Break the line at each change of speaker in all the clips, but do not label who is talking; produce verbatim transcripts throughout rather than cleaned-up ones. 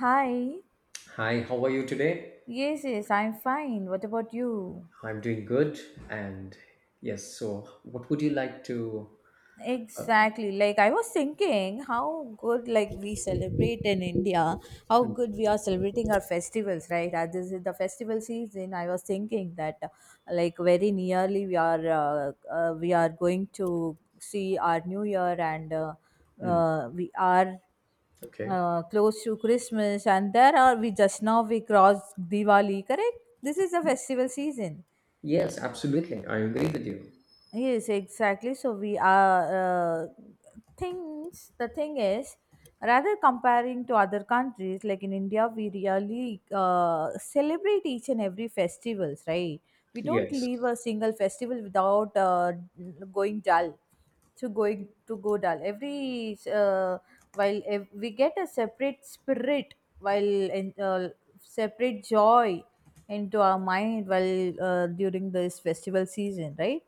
Hi.
Hi, how are you today?
Yes, yes, I'm fine. What about you?
I'm doing good. And yes, so what would you like to? Uh,
Exactly. Like I was thinking how good like we celebrate in India, how
hmm,
good we are celebrating our festivals, right? As this is the festival season, I was thinking that uh, like very nearly we are uh, uh, we are going to see our new year and uh,
hmm,
uh, we are
okay.
uh, close to Christmas and there are we just now we crossed Diwali, correct? This is the festival season.
Yes, absolutely. I agree with you.
Yes, exactly. So we are uh, things. The thing is, rather comparing to other countries, like in India, we really uh, celebrate each and every festivals, right? We don't
Yes,
leave a single festival without uh, going dull. To going to go dull every uh, while ev- we get a separate spirit while en- uh, separate joy into our mind while uh, during this festival season, right?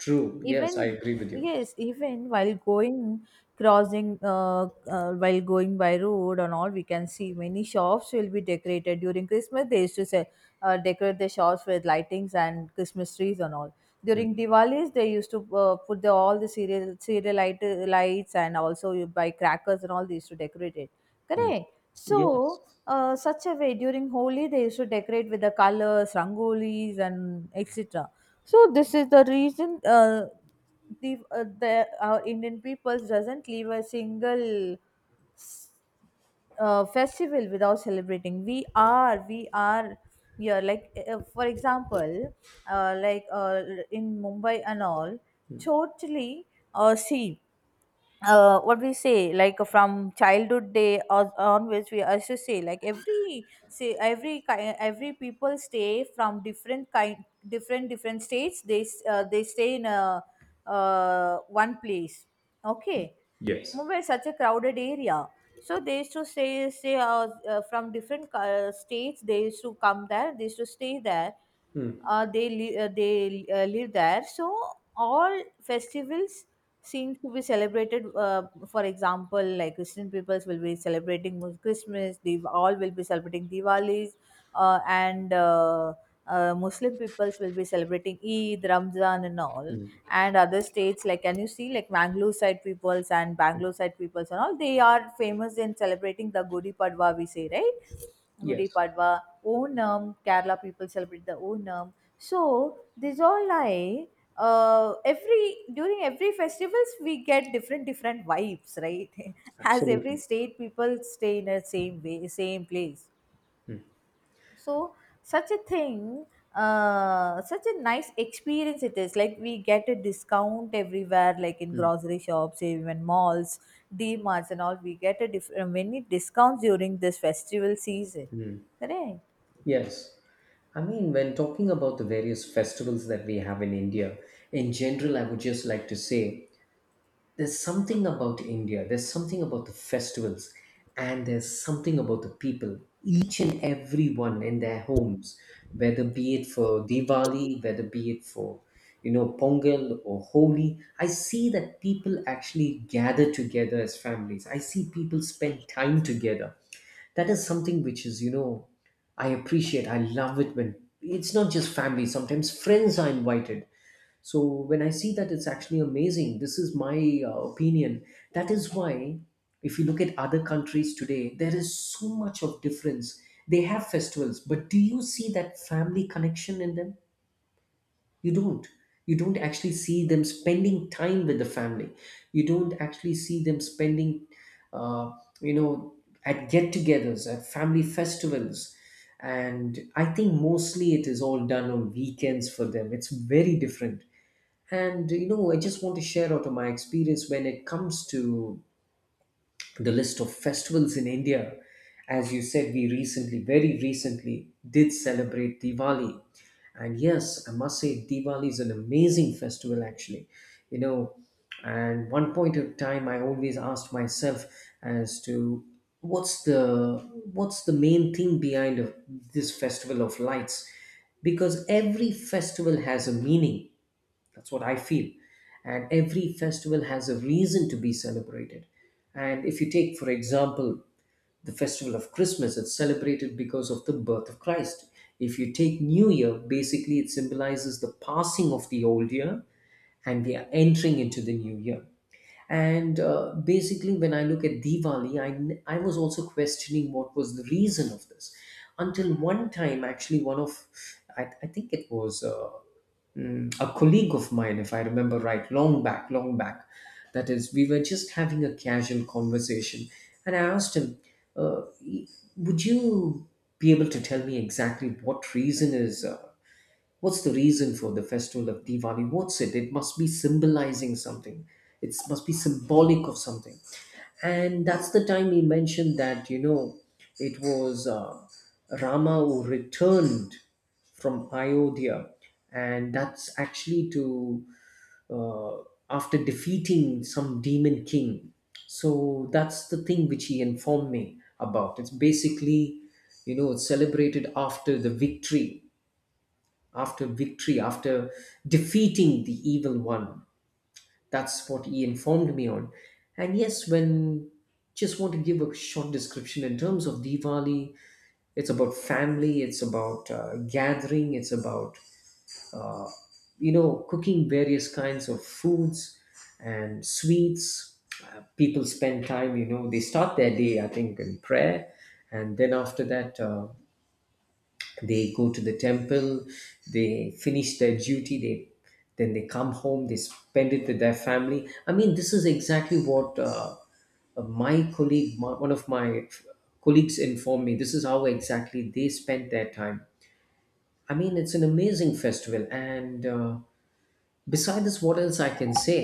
true. Yes, I
Even,
agree with you.
yes, even while going crossing uh, uh, while going by road and all we can see many shops will be decorated during Christmas. They used to say uh, decorate the shops with lightings and Christmas trees and all.
Hmm,
During Diwalis they used to uh, put the, all the serial serial light, lights, and also you buy crackers and all, they used to decorate it,
hmm.
correct?
Yes,
So uh, such a way during Holi they used to decorate with the colors, rangolis, and et cetera. So this is the reason uh, the uh, the our Indian people doesn't leave a single s- uh, festival without celebrating. We are, we are here. Like, uh, for example, uh, like uh, in Mumbai and all, totally uh, see uh, what we say like uh, from childhood day or onwards we also say like every say every kind every people stay from different kind different different states they s- uh, they stay in a uh, one place, okay?
yes.
Mumbai is such a crowded area, so they used to say say uh, uh, from different uh, states they used to come there, they used to stay there,
Hmm,
uh, they li- uh, they uh, live there. So all festivals seems to be celebrated. Uh, for example, like Christian peoples will be celebrating Mus- christmas, they all will be celebrating Diwalis, uh, and uh, uh, Muslim peoples will be celebrating Eid, Ramzan, and all.
hmm.
And other states like can you see like Mangalore side peoples and Bangalore side peoples and all, they are famous in celebrating the Gudi Padwa, we say, right? Gudi
Yes,
Padwa. Onam, Kerala people celebrate the Onam. So these all lie, uh every during every festivals we get different different vibes, right? As every
absolutely.
state people stay in a same way same place,
Hmm,
so such a thing, uh such a nice experience it is. Like we get a discount everywhere, like in
hmm,
grocery shops, even malls, Dmarts, and all, we get a different many discounts during this festival season,
hmm.
correct?
Yes. I mean, when talking about the various festivals that we have in India, in general, I would just like to say there's something about India, there's something about the festivals, and there's something about the people, each and every one in their homes, whether be it for Diwali, whether be it for you know Pongal or Holi. I see that people actually gather together as families. I see people spend time together. That is something which is you know I appreciate. I love it when it's not just family. Sometimes friends are invited, so when I see that, it's actually amazing. This is my uh, opinion. That is why, if you look at other countries today, there is so much of difference. They have festivals, but do you see that family connection in them? You don't. You don't actually see them spending time with the family. You don't actually see them spending, uh, you know, at get-togethers, at family festivals. And I think mostly it is all done on weekends for them. It's very different, and you know, I just want to share out of my experience when it comes to the list of festivals in India. As you said, we recently, very recently, did celebrate Diwali. And yes, I must say, Diwali is an amazing festival, actually. You know, and one point of time, I always asked myself as to what's the what's the main thing behind of this festival of lights, because every festival has a meaning. That's what I feel. And every festival has a reason to be celebrated. And if you take, for example, the festival of Christmas, it's celebrated because of the birth of Christ. If you take New Year, basically it symbolizes the passing of the old year and we are entering into the new year. And uh, basically, when I look at Diwali, I, I was also questioning what was the reason of this. Until one time, actually, one of, I, I think it was uh, mm, a colleague of mine, if I remember right, long back, long back. That is, we were just having a casual conversation. And I asked him, uh, would you be able to tell me exactly what reason is. Uh, What's the reason for the festival of Diwali? What's it? It must be symbolizing something. It must be symbolic of something. And that's the time he mentioned that, you know, it was uh, Rama who returned from Ayodhya. And that's actually, to, uh, after defeating some demon king. So that's the thing which he informed me about. It's basically, you know, it's celebrated after the victory after victory, after defeating the evil one. That's what he informed me on. And yes, when just want to give a short description in terms of Diwali, it's about family, it's about uh, gathering, it's about you know cooking various kinds of foods and sweets. Uh, people spend time, you know, they start their day, I think, in prayer, and then after that, Uh, they go to the temple. They finish their duty. They then they come home. They spend it with their family. I mean, this is exactly what uh, uh, my colleague my, one of my colleagues informed me. This is how exactly they spent their time. I mean, it's an amazing festival, and uh, beside this, what else I can say?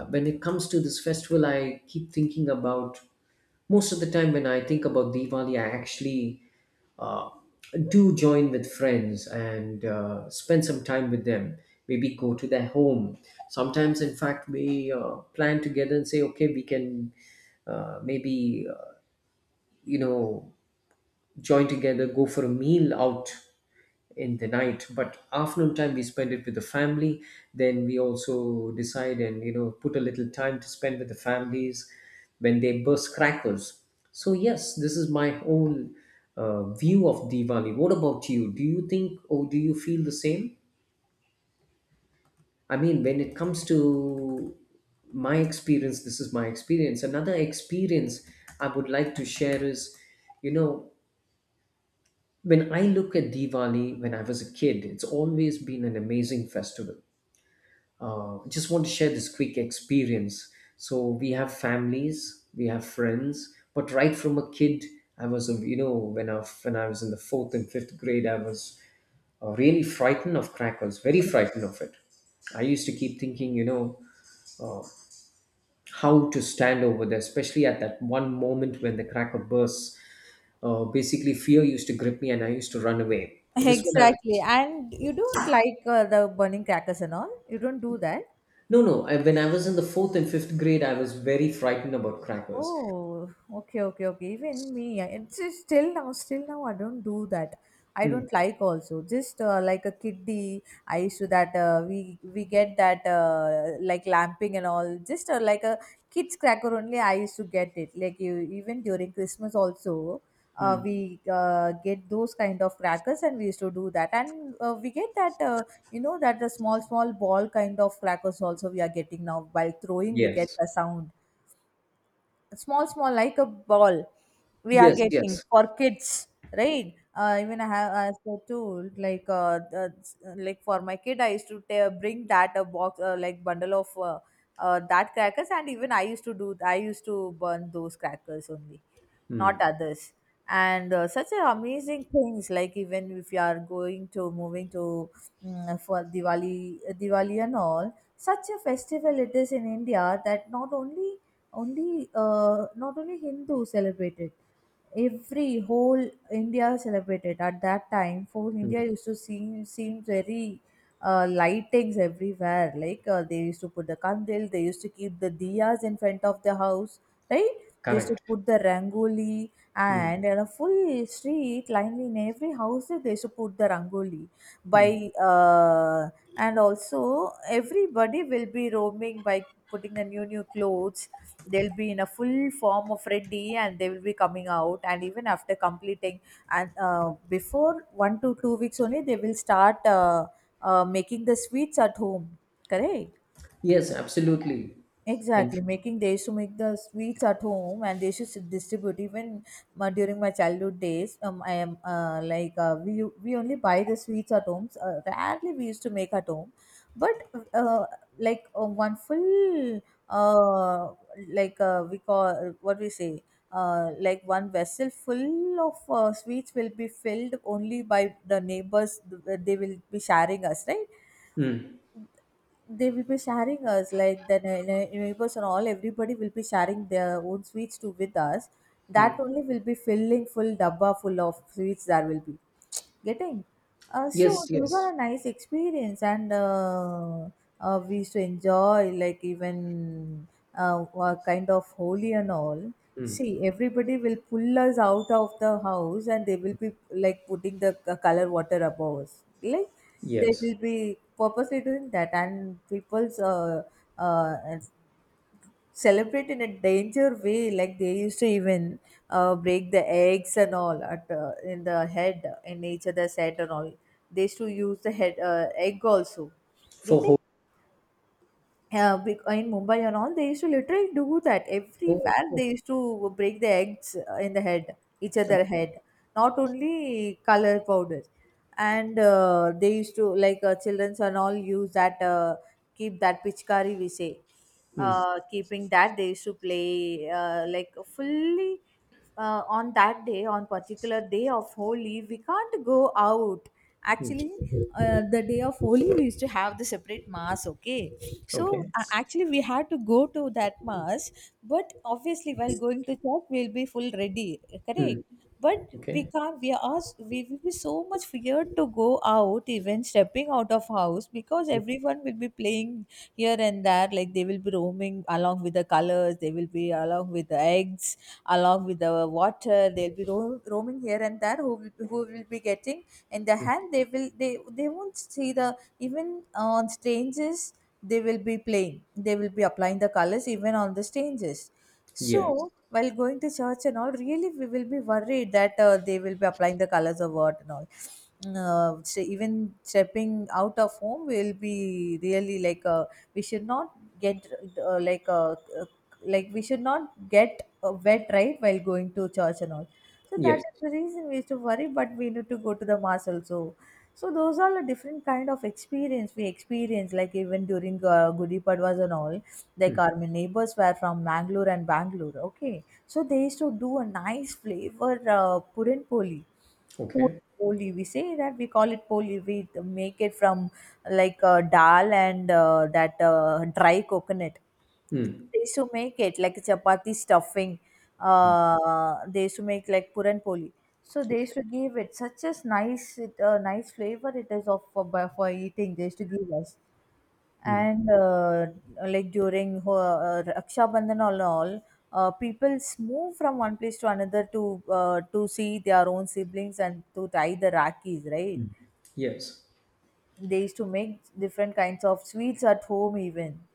Uh, when it comes to this festival, I keep thinking about, most of the time when I think about Diwali, I actually uh, do join with friends and uh, spend some time with them, maybe go to their home. Sometimes in fact we uh, plan together and say, okay, we can uh, maybe uh, you know join together, go for a meal out in the night. But afternoon time, we spend it with the family. Then we also decide and, you know, put a little time to spend with the families when they burst crackers. So, yes, this is my whole uh, view of Diwali. What about you? Do you think or do you feel the same? I mean, when it comes to my experience, this is my experience. Another experience I would like to share is, you know, When I look at Diwali when I was a kid, it's always been an amazing festival. Uh, I just want to share this quick experience. So we have families, we have friends, but right from a kid, I was, a, you know, when I when I was in the fourth and fifth grade, I was uh, really frightened of crackers, very frightened of it. I used to keep thinking, you know, how to stand over there, especially at that one moment when the cracker bursts. Uh, basically, fear used to grip me, and I used to run away. But this one, I
Exactly.
was.
And you don't like uh, the burning crackers and all, you don't do that.
No, no. I, when I was in the fourth and fifth grade, I was very frightened about crackers.
Oh, okay, okay, okay. Even me, I- it's just still now, still now, I don't do that. I
Mm,
don't like also. Just uh, like a kiddie, I used to that uh, we we get that uh, like lamping and all. Just uh, like a kids cracker only, I used to get it. Like you, even during Christmas also, uh,
mm.
we uh, get those kind of crackers and we used to do that. And uh, we get that uh, you know that the small small ball kind of crackers also we are getting now. By throwing, we get
Yes.
a sound, small small like a ball, we are
Yes,
getting
yes.
for kids, right? Uh, even I have, I said too, like uh, the, like for my kid I used to ta- bring that a box, uh, like bundle of uh, uh, that crackers, and even I used to do, I used to burn those crackers only, not
Mm,
others. And uh, such a amazing things. Like, even if you are going to moving to, mm, for Diwali, uh, Diwali and all, such a festival it is in India, that not only only uh, not only Hindu celebrated, every whole India celebrated. At that time whole India
mm.
used to seem seem very uh, lightings everywhere. Like uh, they used to put the candle, they used to keep the diyas in front of the house, right? They used to
Correct.
put the rangoli,
Mm,
and in a full street, linely in every house, they used to put the rangoli.
mm.
By uh, and also everybody will be roaming by putting the new new clothes. They'll be in a full form of ready, and they will be coming out. And even after completing and uh, before one to two weeks only, they will start uh, uh, making the sweets at home. Correct.
Yes, absolutely. In,
Exactly, making they used to make the sweets at home, and they used to s- distribute even uh, during my childhood days. Um, I am uh, like uh, we we only buy the sweets at home. Uh, rarely we used to make at home, but uh, like uh, one full uh like uh, we call what we say uh like one vessel full of uh, sweets will be filled only by the neighbors. th- They will be sharing us, right?
mm,
They will be sharing us like the nei- nei- neighbors and all, everybody will be sharing their own sweets too with us. That
mm.
only will be filling full dabba full of sweets there will be getting. Uh, so
Yes,
those are
yes.
a nice experience. And uh, uh, we used to enjoy. Like, even uh, a kind of Holy and all,
Mm,
see, everybody will pull us out of the house and they will be like putting the c- color water above us. Like they
yes.
will be purposely doing that, and people's uh, uh, celebrate in a danger way. Like they used to even uh, break the eggs and all at uh, in the head, in each other's head and all. They used to use the head uh, egg also
For
getting.
whole.
Yeah, bec- in Mumbai and all, they used to literally do that.
Oh,
Everywhere they used to break the eggs uh, in the head, each other
okay.
head, not only color powders. And uh, they used to, like, uh, childrens and all use that, uh, keep that pichkari, we say.
Mm,
Uh, keeping that, they used to play, uh, like, fully uh, on that day, on particular day of Holy we can't go out, actually. Uh, the day of Holy we used to have the separate mass, okay? So
okay.
uh, actually we had to go to that mass, but obviously while going to church we'll be full ready, correct?
Mm,
But we
okay.
can't, we are s- we will be so much feared to go out, even stepping out of house, because
Mm,
everyone will be playing here and there. Like they will be roaming along with the colors, they will be along with the eggs, along with the water, they'll be ro- roaming here and there. Who will, who will be getting in their
mm.
hand, they will they they won't see the, even on stages they will be playing, they will be applying the colors even on the stages.
Yes.
So while going to church and all, really we will be worried that uh, they will be applying the colors of what and all. Uh, so even stepping out of home will be really like, uh, we should not get uh, like uh, uh, like we should not get uh, wet, right, while going to church and all. So that
Yes.
is the reason we used to worry, but we need to go to the mass also. So those are the different kind of experience we experience. Like even during uh, Gudi Padwas and all, like our neighbors were from Mangalore and Bangalore. Okay, so they used to do a nice flavor uh, puran poli. Puri
Okay.
Poli, we say that, we call it poli. We make it from like uh, dal and uh, that uh, dry coconut.
Mm,
They used to make it like chapati stuffing. Uh, they used to make like puran poli. So they used to give it such as nice, it, uh, nice flavor it is of for, by- for eating. They used to give us,
mm.
and uh, like during uh, Raksha Bandhan all all, uh, people move from one place to another to uh, to see their own siblings and to tie the rakis, right?
Yes.
They used to make different kinds of sweets at home even.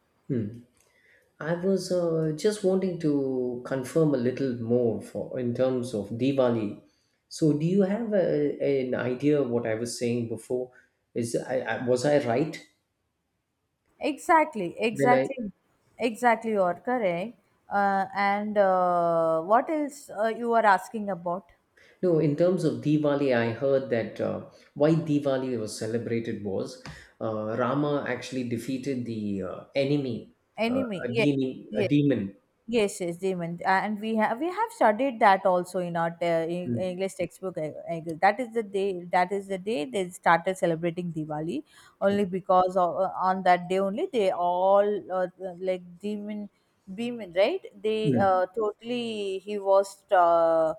I was uh, just wanting to confirm a little more for in terms of Diwali. So, do you have a, an idea of what I was saying before? Is I, I was I right
Exactly,
when I?
exactly, exactly. You are correct. Uh, and uh, what else uh, you are asking about?
No, in terms of Diwali? I heard that uh, why Diwali was celebrated was, uh, Rama actually defeated the uh, enemy, uh,
Enemy.
a
Yes,
demon, a
yes.
demon.
Yes, yes, Damon, A- and we have we have studied that also in our uh, Eng-
Mm.
English textbook. I, I guess. That is the day. That is the day they started celebrating Diwali.
Okay.
Only because of, uh, on that day only they all uh, like demon, demon, right? They uh,
Mm.
totally he was uh,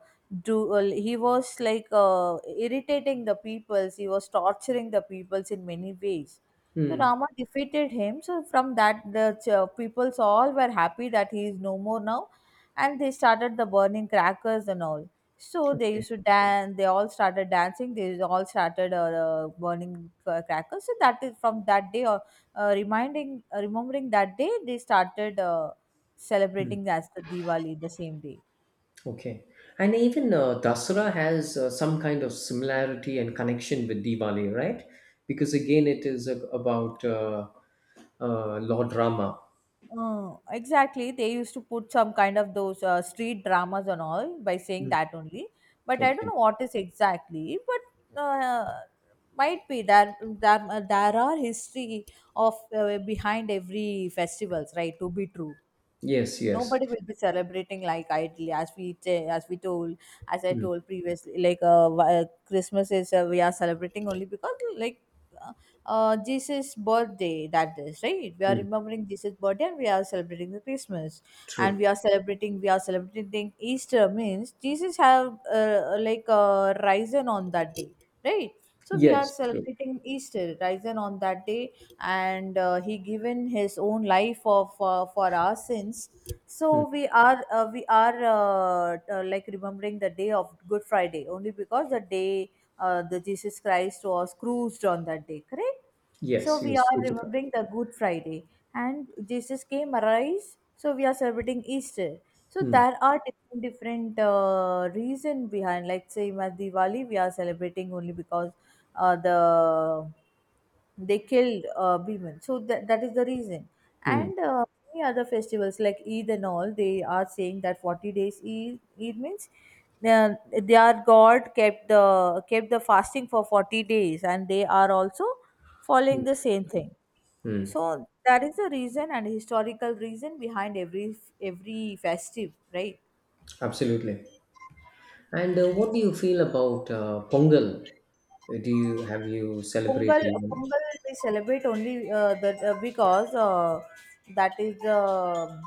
do uh, he was like uh, irritating the peoples. He was torturing the peoples in many ways, so
Mm.
Rama defeated him. So from that, the ch- uh, peoples all were happy that he is no more now, and they started the burning crackers and all. So they used to dance. They all started dancing. They all started uh, uh, burning cra- crackers. So that is from that day, or uh, reminding, uh, remembering that day, they started uh,
Okay.
celebrating as the Diwali the same day.
Okay. And even uh, Dasara has uh, some kind of similarity and connection with Diwali, right? Because again, it is a, about uh, uh, Lord Rama.
Oh, exactly. They used to put some kind of those uh, street dramas and all by saying
Mm.
that only. But I don't
Okay.
know what is exactly. But uh, might be there there there are history of uh, behind every festivals, right? To be true,
Yes, yes.
nobody will be celebrating like idly as we t- as we told as I
Mm.
told previously, like uh, wh- uh, Christmas is, uh, we are celebrating only because like uh, uh, Jesus birthday, that is right, we are
Mm.
remembering Jesus birthday and we are celebrating the Christmas, and
True.
we are celebrating we are celebrating Easter means Jesus have uh, like uh, risen on that day, right? So we are
Yes, true.
celebrating Easter risen on that day, and uh, he given his own life of uh, for our sins.
Mm.
So we are uh, we are uh, uh, like remembering the day of Good Friday only because the day, uh, the Jesus Christ was cruised on that day, correct. So
Yes, he
we
was
are
crucified.
remembering the Good Friday, and Jesus came arise. So we are celebrating Easter. So
Mm.
there are different different uh, reason behind. Like say, in Diwali we are celebrating only because uh, the they killed uh, Bhiman. So that, that is the reason.
Mm.
And uh, many other festivals like Eid and all, they are saying that forty days Eid, Eid means, uh, their God kept the kept the fasting for forty days, and they are also following the
Mm.
same thing.
Mm.
So that is the reason and historical reason behind every every festive, right?
Absolutely. And uh, what do you feel about uh, Pongal? Uh, Do you have you
Pongal,
celebrated it?
Pongal we celebrate only uh, that uh, because uh, that is the um,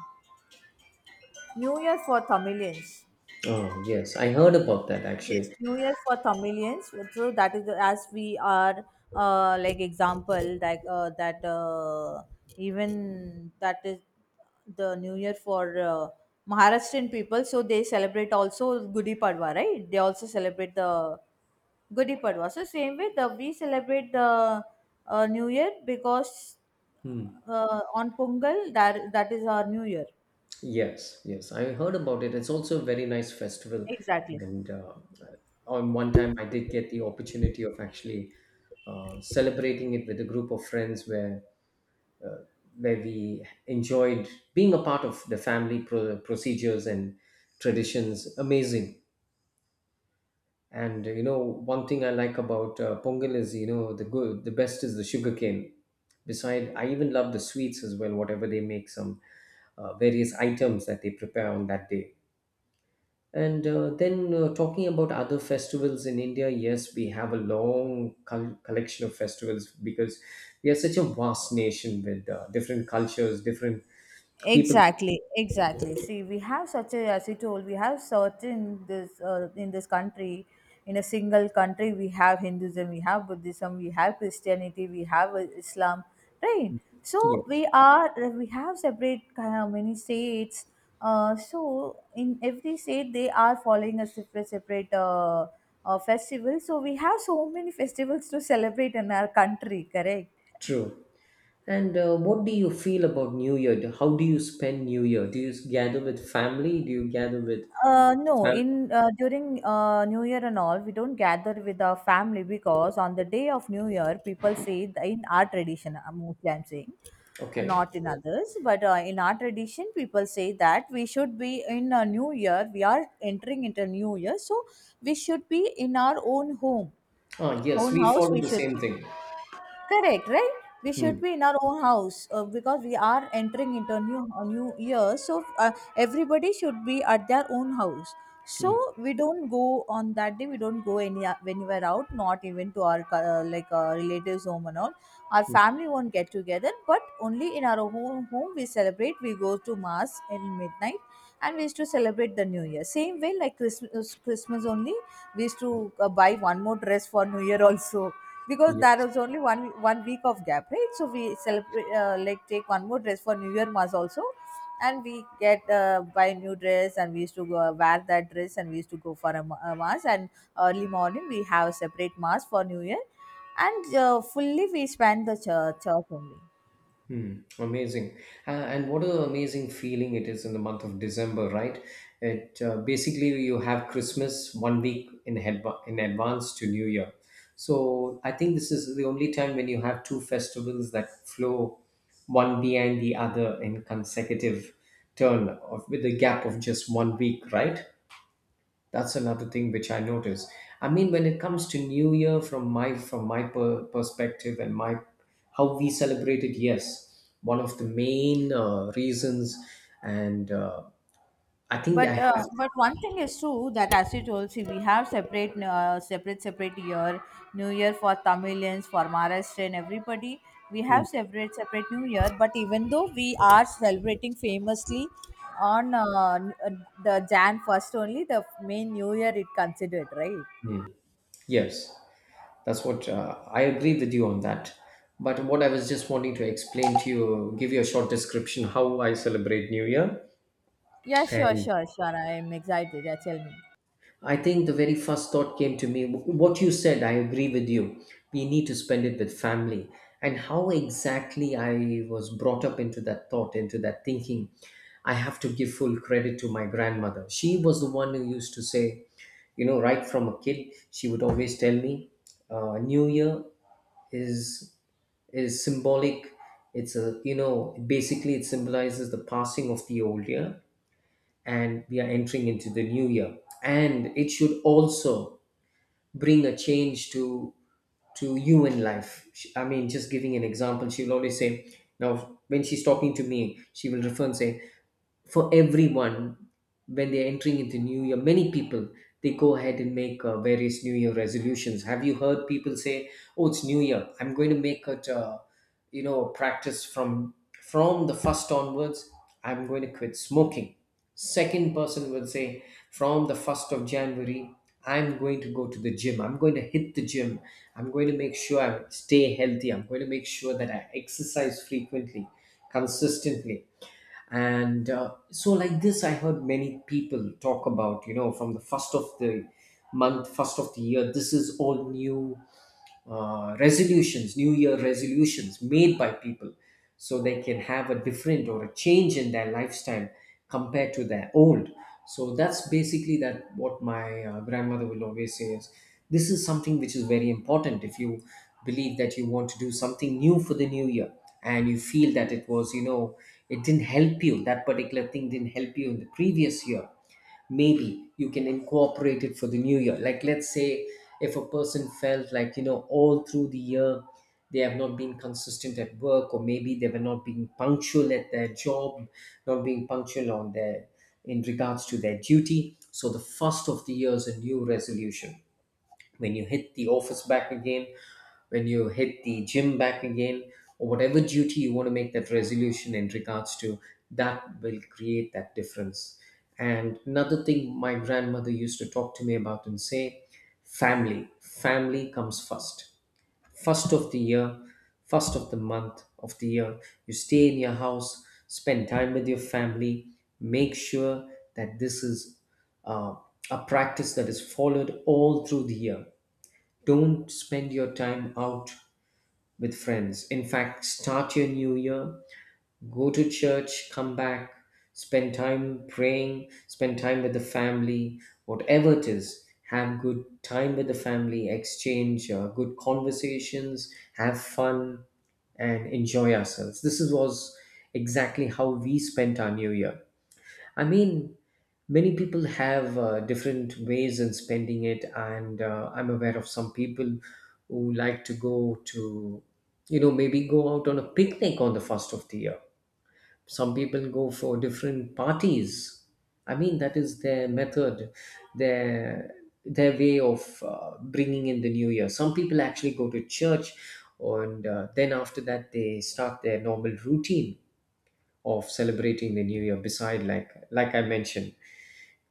New Year for Tamilians.
Oh, yes. I heard about that
Yes,
actually.
New Year for Tamilians. True, that is, as we are, uh, like example like uh, that uh, even that is the New Year for uh, Maharashtrian people. So they celebrate also Gudi Padwa, right? They also celebrate the Gudi Padwa. So same way the we celebrate the uh, New Year because,
Hmm.
uh, on Pongal, that that is our New Year.
Yes, yes, I heard about it. It's also a very nice festival,
Exactly.
and uh, uh, on one time I did get the opportunity of actually uh, celebrating it with a group of friends, where where we enjoyed being a part of the family pro- procedures and traditions. Amazing, and uh, you know, one thing I like about uh, Pongal is, you know the good, the best is the sugarcane. Beside, I even love the sweets as well. Whatever they make, some uh, various items that they prepare on that day. And uh, then uh, talking about other festivals in India, yes, we have a long col- collection of festivals, because we are such a vast nation with uh, different cultures, different people.
Exactly, exactly. See, we have such a, as you told, we have certain this, uh, in this country, in a single country, we have Hinduism, we have Buddhism, we have Christianity, we have uh, Islam, right? So
Yeah,
we are we have separate kind of many states. Uh, so in every state, they are following a separate separate uh, uh, festival. So we have so many festivals to celebrate in our country, correct?
true. And uh, what do you feel about New Year? Do- How do you spend New Year? Do you gather with family? Do you gather with
Uh, no,
fam-
in uh, during uh, New Year and all, we don't gather with our family, because on the day of New Year, people say that in our tradition, uh, mostly I'm saying, uh,
Okay.
not in others, but, uh, in our tradition, people say that we should be in a new year. We are entering into a new year, so we should be in our own home,
Ah, yes,
own
we
house.
follow
We
the
should
same
be.
thing.
Correct, right? We
Hmm.
should be in our own house, uh, because we are entering into a new a new year. So uh, everybody should be at their own house. So
Hmm.
we don't go on that day. We don't go any uh, anywhere out. Not even to our co- uh, like uh, relatives' home and all. Our
Hmm.
family won't get together, but only in our home home we celebrate. We go to mass in midnight, and we used to celebrate the New Year. Same way like Christmas Christmas only. We used to uh, buy one more dress for New Year also, because
Yeah.
there was only one one week of gap, right? So we celebrate, uh, like take one more dress for new year mass also, and we get uh, buy a new dress, and we used to go, uh, wear that dress, and we used to go for a, ma- a mass, and early morning we have a separate mass for new year, and uh, fully we spend the church, church only.
Hmm, amazing. Uh, and what an amazing feeling it is in the month of December, right? It, uh, basically you have Christmas one week in adva- in advance to New Year. So I think this is the only time when you have two festivals that flow one behind the other in consecutive turn of, with a gap of just one week, right? That's another thing which I notice. I mean, when it comes to New Year, from my from my per- perspective and my how we celebrate it, yes, one of the main uh, reasons, and uh, I think
But,
I have.
uh, but one thing is true, that as you told, see, we have separate, uh, separate separate year, New Year for Tamilians, for Maharashtra, and everybody. We
Mm,
have separate separate New Year. But even though we are celebrating famously on uh, n- uh, the Jan first only, the main New Year it considered, right?
mm. Yes, that's what uh, I agree with you on that. But what I was just wanting to explain to you, give you a short description how I celebrate New Year.
Yeah, sure,
And
sure, sure. I am excited. Yeah, tell me.
I think the very first thought came to me what you said, I agree with you. We need to spend it with family. And how exactly I was brought up into that thought, into that thinking, I have to give full credit to my grandmother. She was the one who used to say, you know, right from a kid, she would always tell me, uh, New Year is is symbolic. It's a you know basically it symbolizes the passing of the old year, and we are entering into the new year, and it should also bring a change to to human life. Sh- i mean just giving an example, she will always say, now when she's talking to me, she will refer and say, for everyone, when they're entering into new year, many people, they go ahead and make uh, various new year resolutions. Have you heard people say, oh, it's new year, I'm going to make it, uh, you know practice from from the first onwards, I'm going to quit smoking. Second person will say, from the first of January of January, I'm going to go to the gym, I'm going to hit the gym, I'm going to make sure I stay healthy, I'm going to make sure that I exercise frequently, consistently. And uh, So like this, I heard many people talk about, you know, from the first of the month, first of the year, this is all new, uh, resolutions, New Year resolutions made by people, so they can have a different or a change in their lifestyle compared to their old. So that's basically that, what my uh, grandmother will always say is, this is something which is very important. If you believe that you want to do something new for the new year, and you feel that it was, you know, it didn't help you, that particular thing didn't help you in the previous year, maybe you can incorporate it for the new year. Like let's say, if a person felt like, you know, all through the year they have not been consistent at work, or maybe they were not being punctual at their job, not being punctual on their, in regards to their duty, so the first of the year is a new resolution. When you hit the office back again, when you hit the gym back again, or whatever duty you want to make that resolution in regards to, that will create that difference. And another thing my grandmother used to talk to me about and say, family. Family comes first. First of the year, first of the month of the year, you stay in your house, spend time with your family, make sure that this is, uh, a practice that is followed all through the year. Don't spend your time out with friends. In fact, start your new year, go to church, come back, spend time praying, spend time with the family, whatever it is. Have good time with the family, exchange uh, good conversations, have fun, and enjoy ourselves. This is- was exactly how we spent our new year. I mean, many people have uh, different ways in spending it, and uh, I'm aware of some people who like to go to, you know, maybe go out on a picnic on the first of the year. Some people go for different parties. I mean, that is their method, their their way of uh, bringing in the new year. Some people actually go to church, and uh, then after that they start their normal routine of celebrating the new year. Beside, like like I mentioned,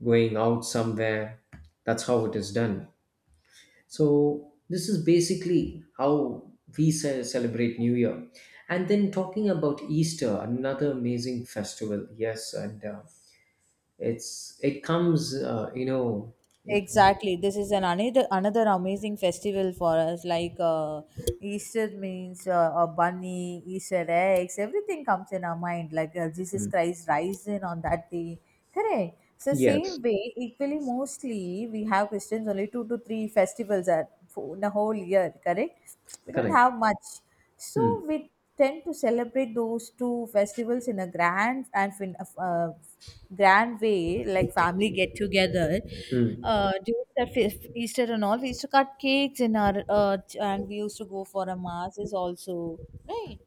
going out somewhere, that's how it is done. So this is basically how we ce- celebrate new year. And then talking about Easter, another amazing festival. Yes, and uh, it's it comes, uh, you know it-
Exactly. This is an another another amazing festival for us. Like uh, Easter means, uh, a bunny, Easter eggs, everything comes in our mind. Like uh, Jesus
Mm.
Christ rising on that day. Correct. So
Yes,
same way, equally mostly we have Christians only two to three festivals at for- in a whole year. Correct. We don't
correct.
have much. So
Mm.
we tend to celebrate those two festivals in a grand and fin- uh, grand way, like family get together.
Mm.
Uh, during that feast, Easter and all, we used to cut cakes in our uh, ch- and we used to go for a masses also, right?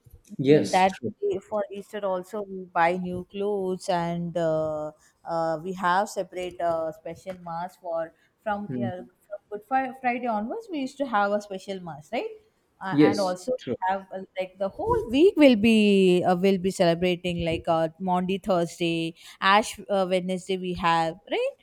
Mm,
Yes,
That
true.
day for Easter also we buy new clothes and, uh, uh, we have separate uh, special mass for, from uh,
Mm.
from Good Fri- Friday onwards we used to have a special mass, right? uh, and
Yes,
also
true.
have, uh, like the whole week will be, uh, will be celebrating like, uh, Maundy Thursday, Ash uh, Wednesday we have, right?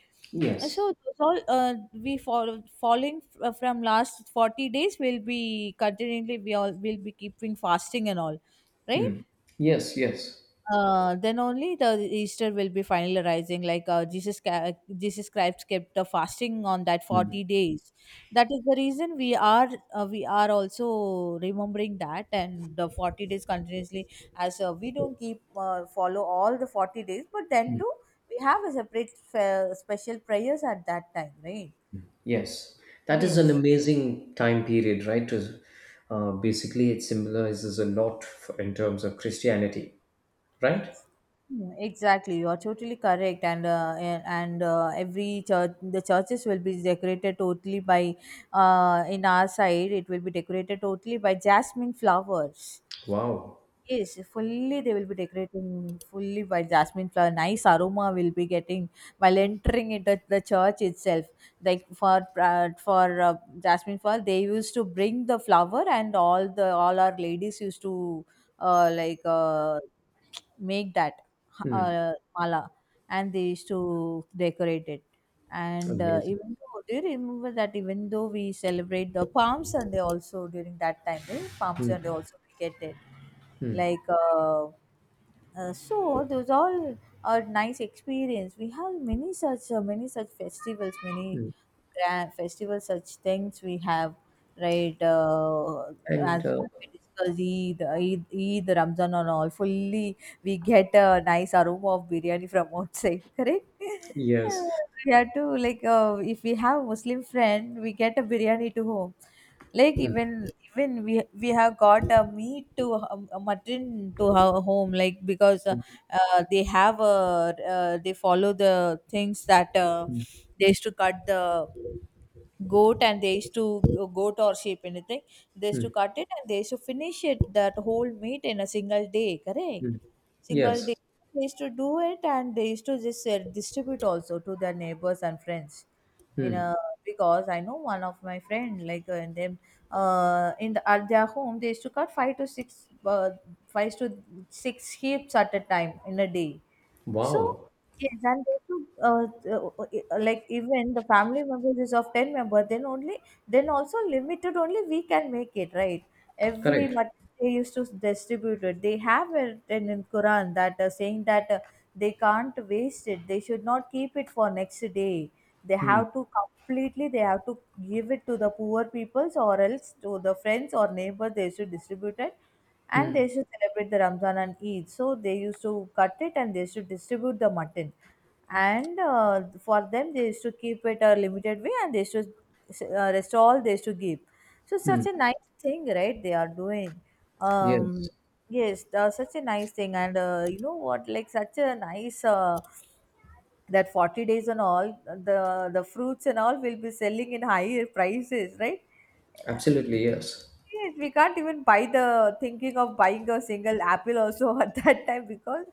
So
Yes.
those all uh, we follow following f- uh, from last forty days we'll be continually, we all will be keeping fasting and all, right?
Mm. Yes, yes.
Uh, then only the Easter will be finalizing. Like uh, Jesus, ca- Jesus Christ kept the fasting on that forty days. That is the reason we are, uh, we are also remembering that, and the forty days continuously. As uh, We don't keep, uh, follow all the forty days, but then
Mm.
too we have a separate, uh, special prayers at that time, right?
Yes, that is an
Yes.
amazing time period, right? To, uh, basically, it symbolizes a lot for, in terms of Christianity, right?
Mm. Exactly, you are totally correct, and, uh, a- and uh, every church, the churches will be decorated totally by, uh, in our side, it will be decorated totally by jasmine flowers.
Wow.
Yes, fully they will be decorating fully by jasmine flower. Nice aroma will be getting while entering it at the church itself. Like for uh, for uh, jasmine flower, they used to bring the flower, and all the all our ladies used to, uh, like uh, make that
Hmm.
uh, mala, and they used to decorate it. And uh,
Amazing.
even though, do you remember that even though we celebrate the Palm Sunday also during that time, eh? Palm
Hmm.
Sunday also we get it,
Hmm.
like uh, uh, so those all are nice experience, we have many such, uh, many such festivals, many
Hmm.
grand festivals, such things we have, right uh,
And
As
uh,
we discussed Eid, Eid, Eid, Ramzan and all, fully we get a nice aroma of biryani from outside correct. uh,
yes.
we have to, like uh, if we have Muslim friend, we get a biryani to home. Like
Hmm.
even even we we have got a meat to, um, a mutton to our home. Like because, uh,
Hmm.
uh, they have a uh, they follow the things that, uh,
Hmm.
they used to cut the goat, and they used to, uh, goat or sheep, anything, they used to
Hmm.
cut it, and they used to finish it, that whole meat in a single day, correct,
Hmm.
single day.
Yes.
They used to do it, and they used to just, uh, distribute also to their neighbors and friends you
Hmm.
know because I know one of my friend, like uh, and them uh in the, at their home they used to cut five to six, uh, five to six sheep at a time in a day, so,
Wow.
yes, and they should, uh, uh, uh, uh, like, even the family members is of ten member. Then only, then also limited only we can make it, right? Every
Correct.
month they used to distribute it. They have it in, in Quran that, uh, saying that, uh, they can't waste it. They should not keep it for next day. They
Hmm.
have to completely. They have to give it to the poor peoples, or else to the friends or neighbor. They should distribute it, and they
Hmm.
should celebrate the Ramzan and Eid. So they used to cut it, and they used to distribute the mutton. And uh, for them, they used to keep it a limited way, and they used to, uh, rest all they used to give. So such
Hmm.
a nice thing, right? They are doing. Um,
Yes,
yes, uh, such a nice thing. And uh, you know what? Like such a nice. Uh, that forty days and all the the fruits and all will be selling in higher prices, right?
absolutely. Yes.
Yes, we can't even buy the thinking of buying a single apple also at that time, because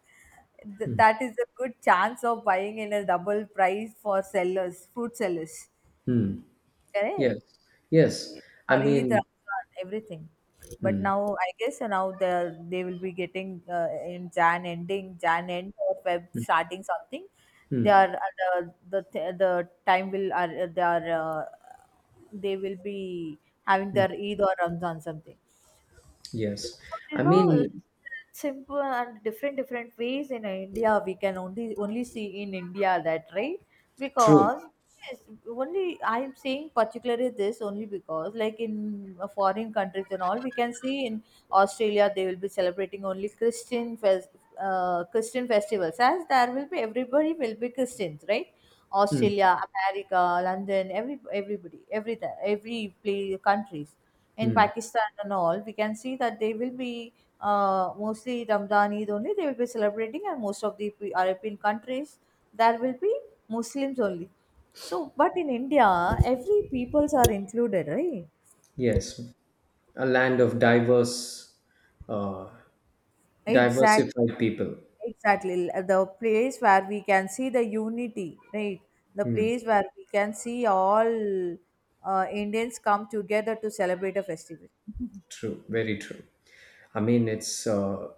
th- that is a good chance of buying in a double price for sellers, fruit sellers.
Hmm. Yes.
Correct.
Yes. I
For Eid,
mean.
Ramadan, everything. But
Hmm.
now I guess, uh, now they they will be getting, uh, in Jan ending Jan end or Feb starting something. They
Hmm.
are uh, the the th- the time will are uh, they are uh, they will be having
Hmm.
their Eid or Ramadan something.
Yes.
So
I
these are, uh,
mean.
simple and different different ways in India. We can only only see in India that, right?
True.
Because, yes, only I'm saying particularly this only, because, like, in uh, foreign countries and all we can see in Australia they will be celebrating only Christian fest uh, Christian festivals, as there will be everybody will be Christians, right?
Hmm.
Australia, America, London, every everybody, every every play countries, in
Hmm.
Pakistan and all, we can see that they will be, uh, mostly Ramadan Eid only. They will be celebrating, and most of the P- European countries there will be Muslims only. So, but in India, every peoples are included, right?
Yes, a land of diverse, uh,
Exactly.
diversified people.
Exactly, l- the place where we can see the unity, right? The
Hmm,
place where we can see all uh, Indians come together to celebrate a festival.
true, very true. I mean, it's uh,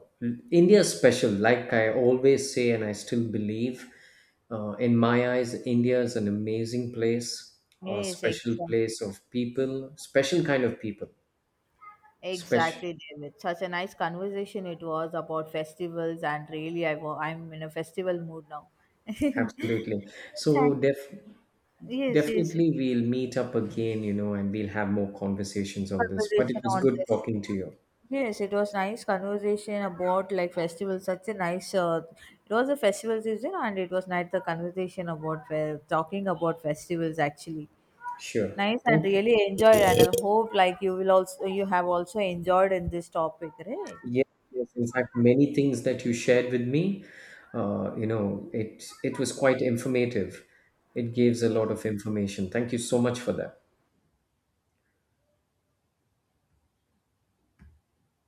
India special. Like I always say, and I still believe, uh, in my eyes, India is an amazing place, a
Yes,
special
exactly.
place of people, special kind of people, special.
Exactly, David. Such a nice conversation it was about festivals, and really, I wa- I'm in a festival mood now.
Absolutely. So
Thank.
def-
Yes, yes.
Definitely we'll meet up again, you know, and we'll have more conversations on this. But
Conversation
it was
on
good
this.
talking to you.
Yes, it was nice conversation about like festivals. Such a nice. Uh, it was a festival season, and it was nice the conversation about fe- talking about festivals. Actually,
Sure.
nice and
Thank you.
really enjoyed, and I hope like you will also you have also enjoyed in this topic, right?
Yes, yes. In fact, many things that you shared with me, uh, you know, it it was quite informative. It gives a lot
Yes.
of information. Thank you so much for that.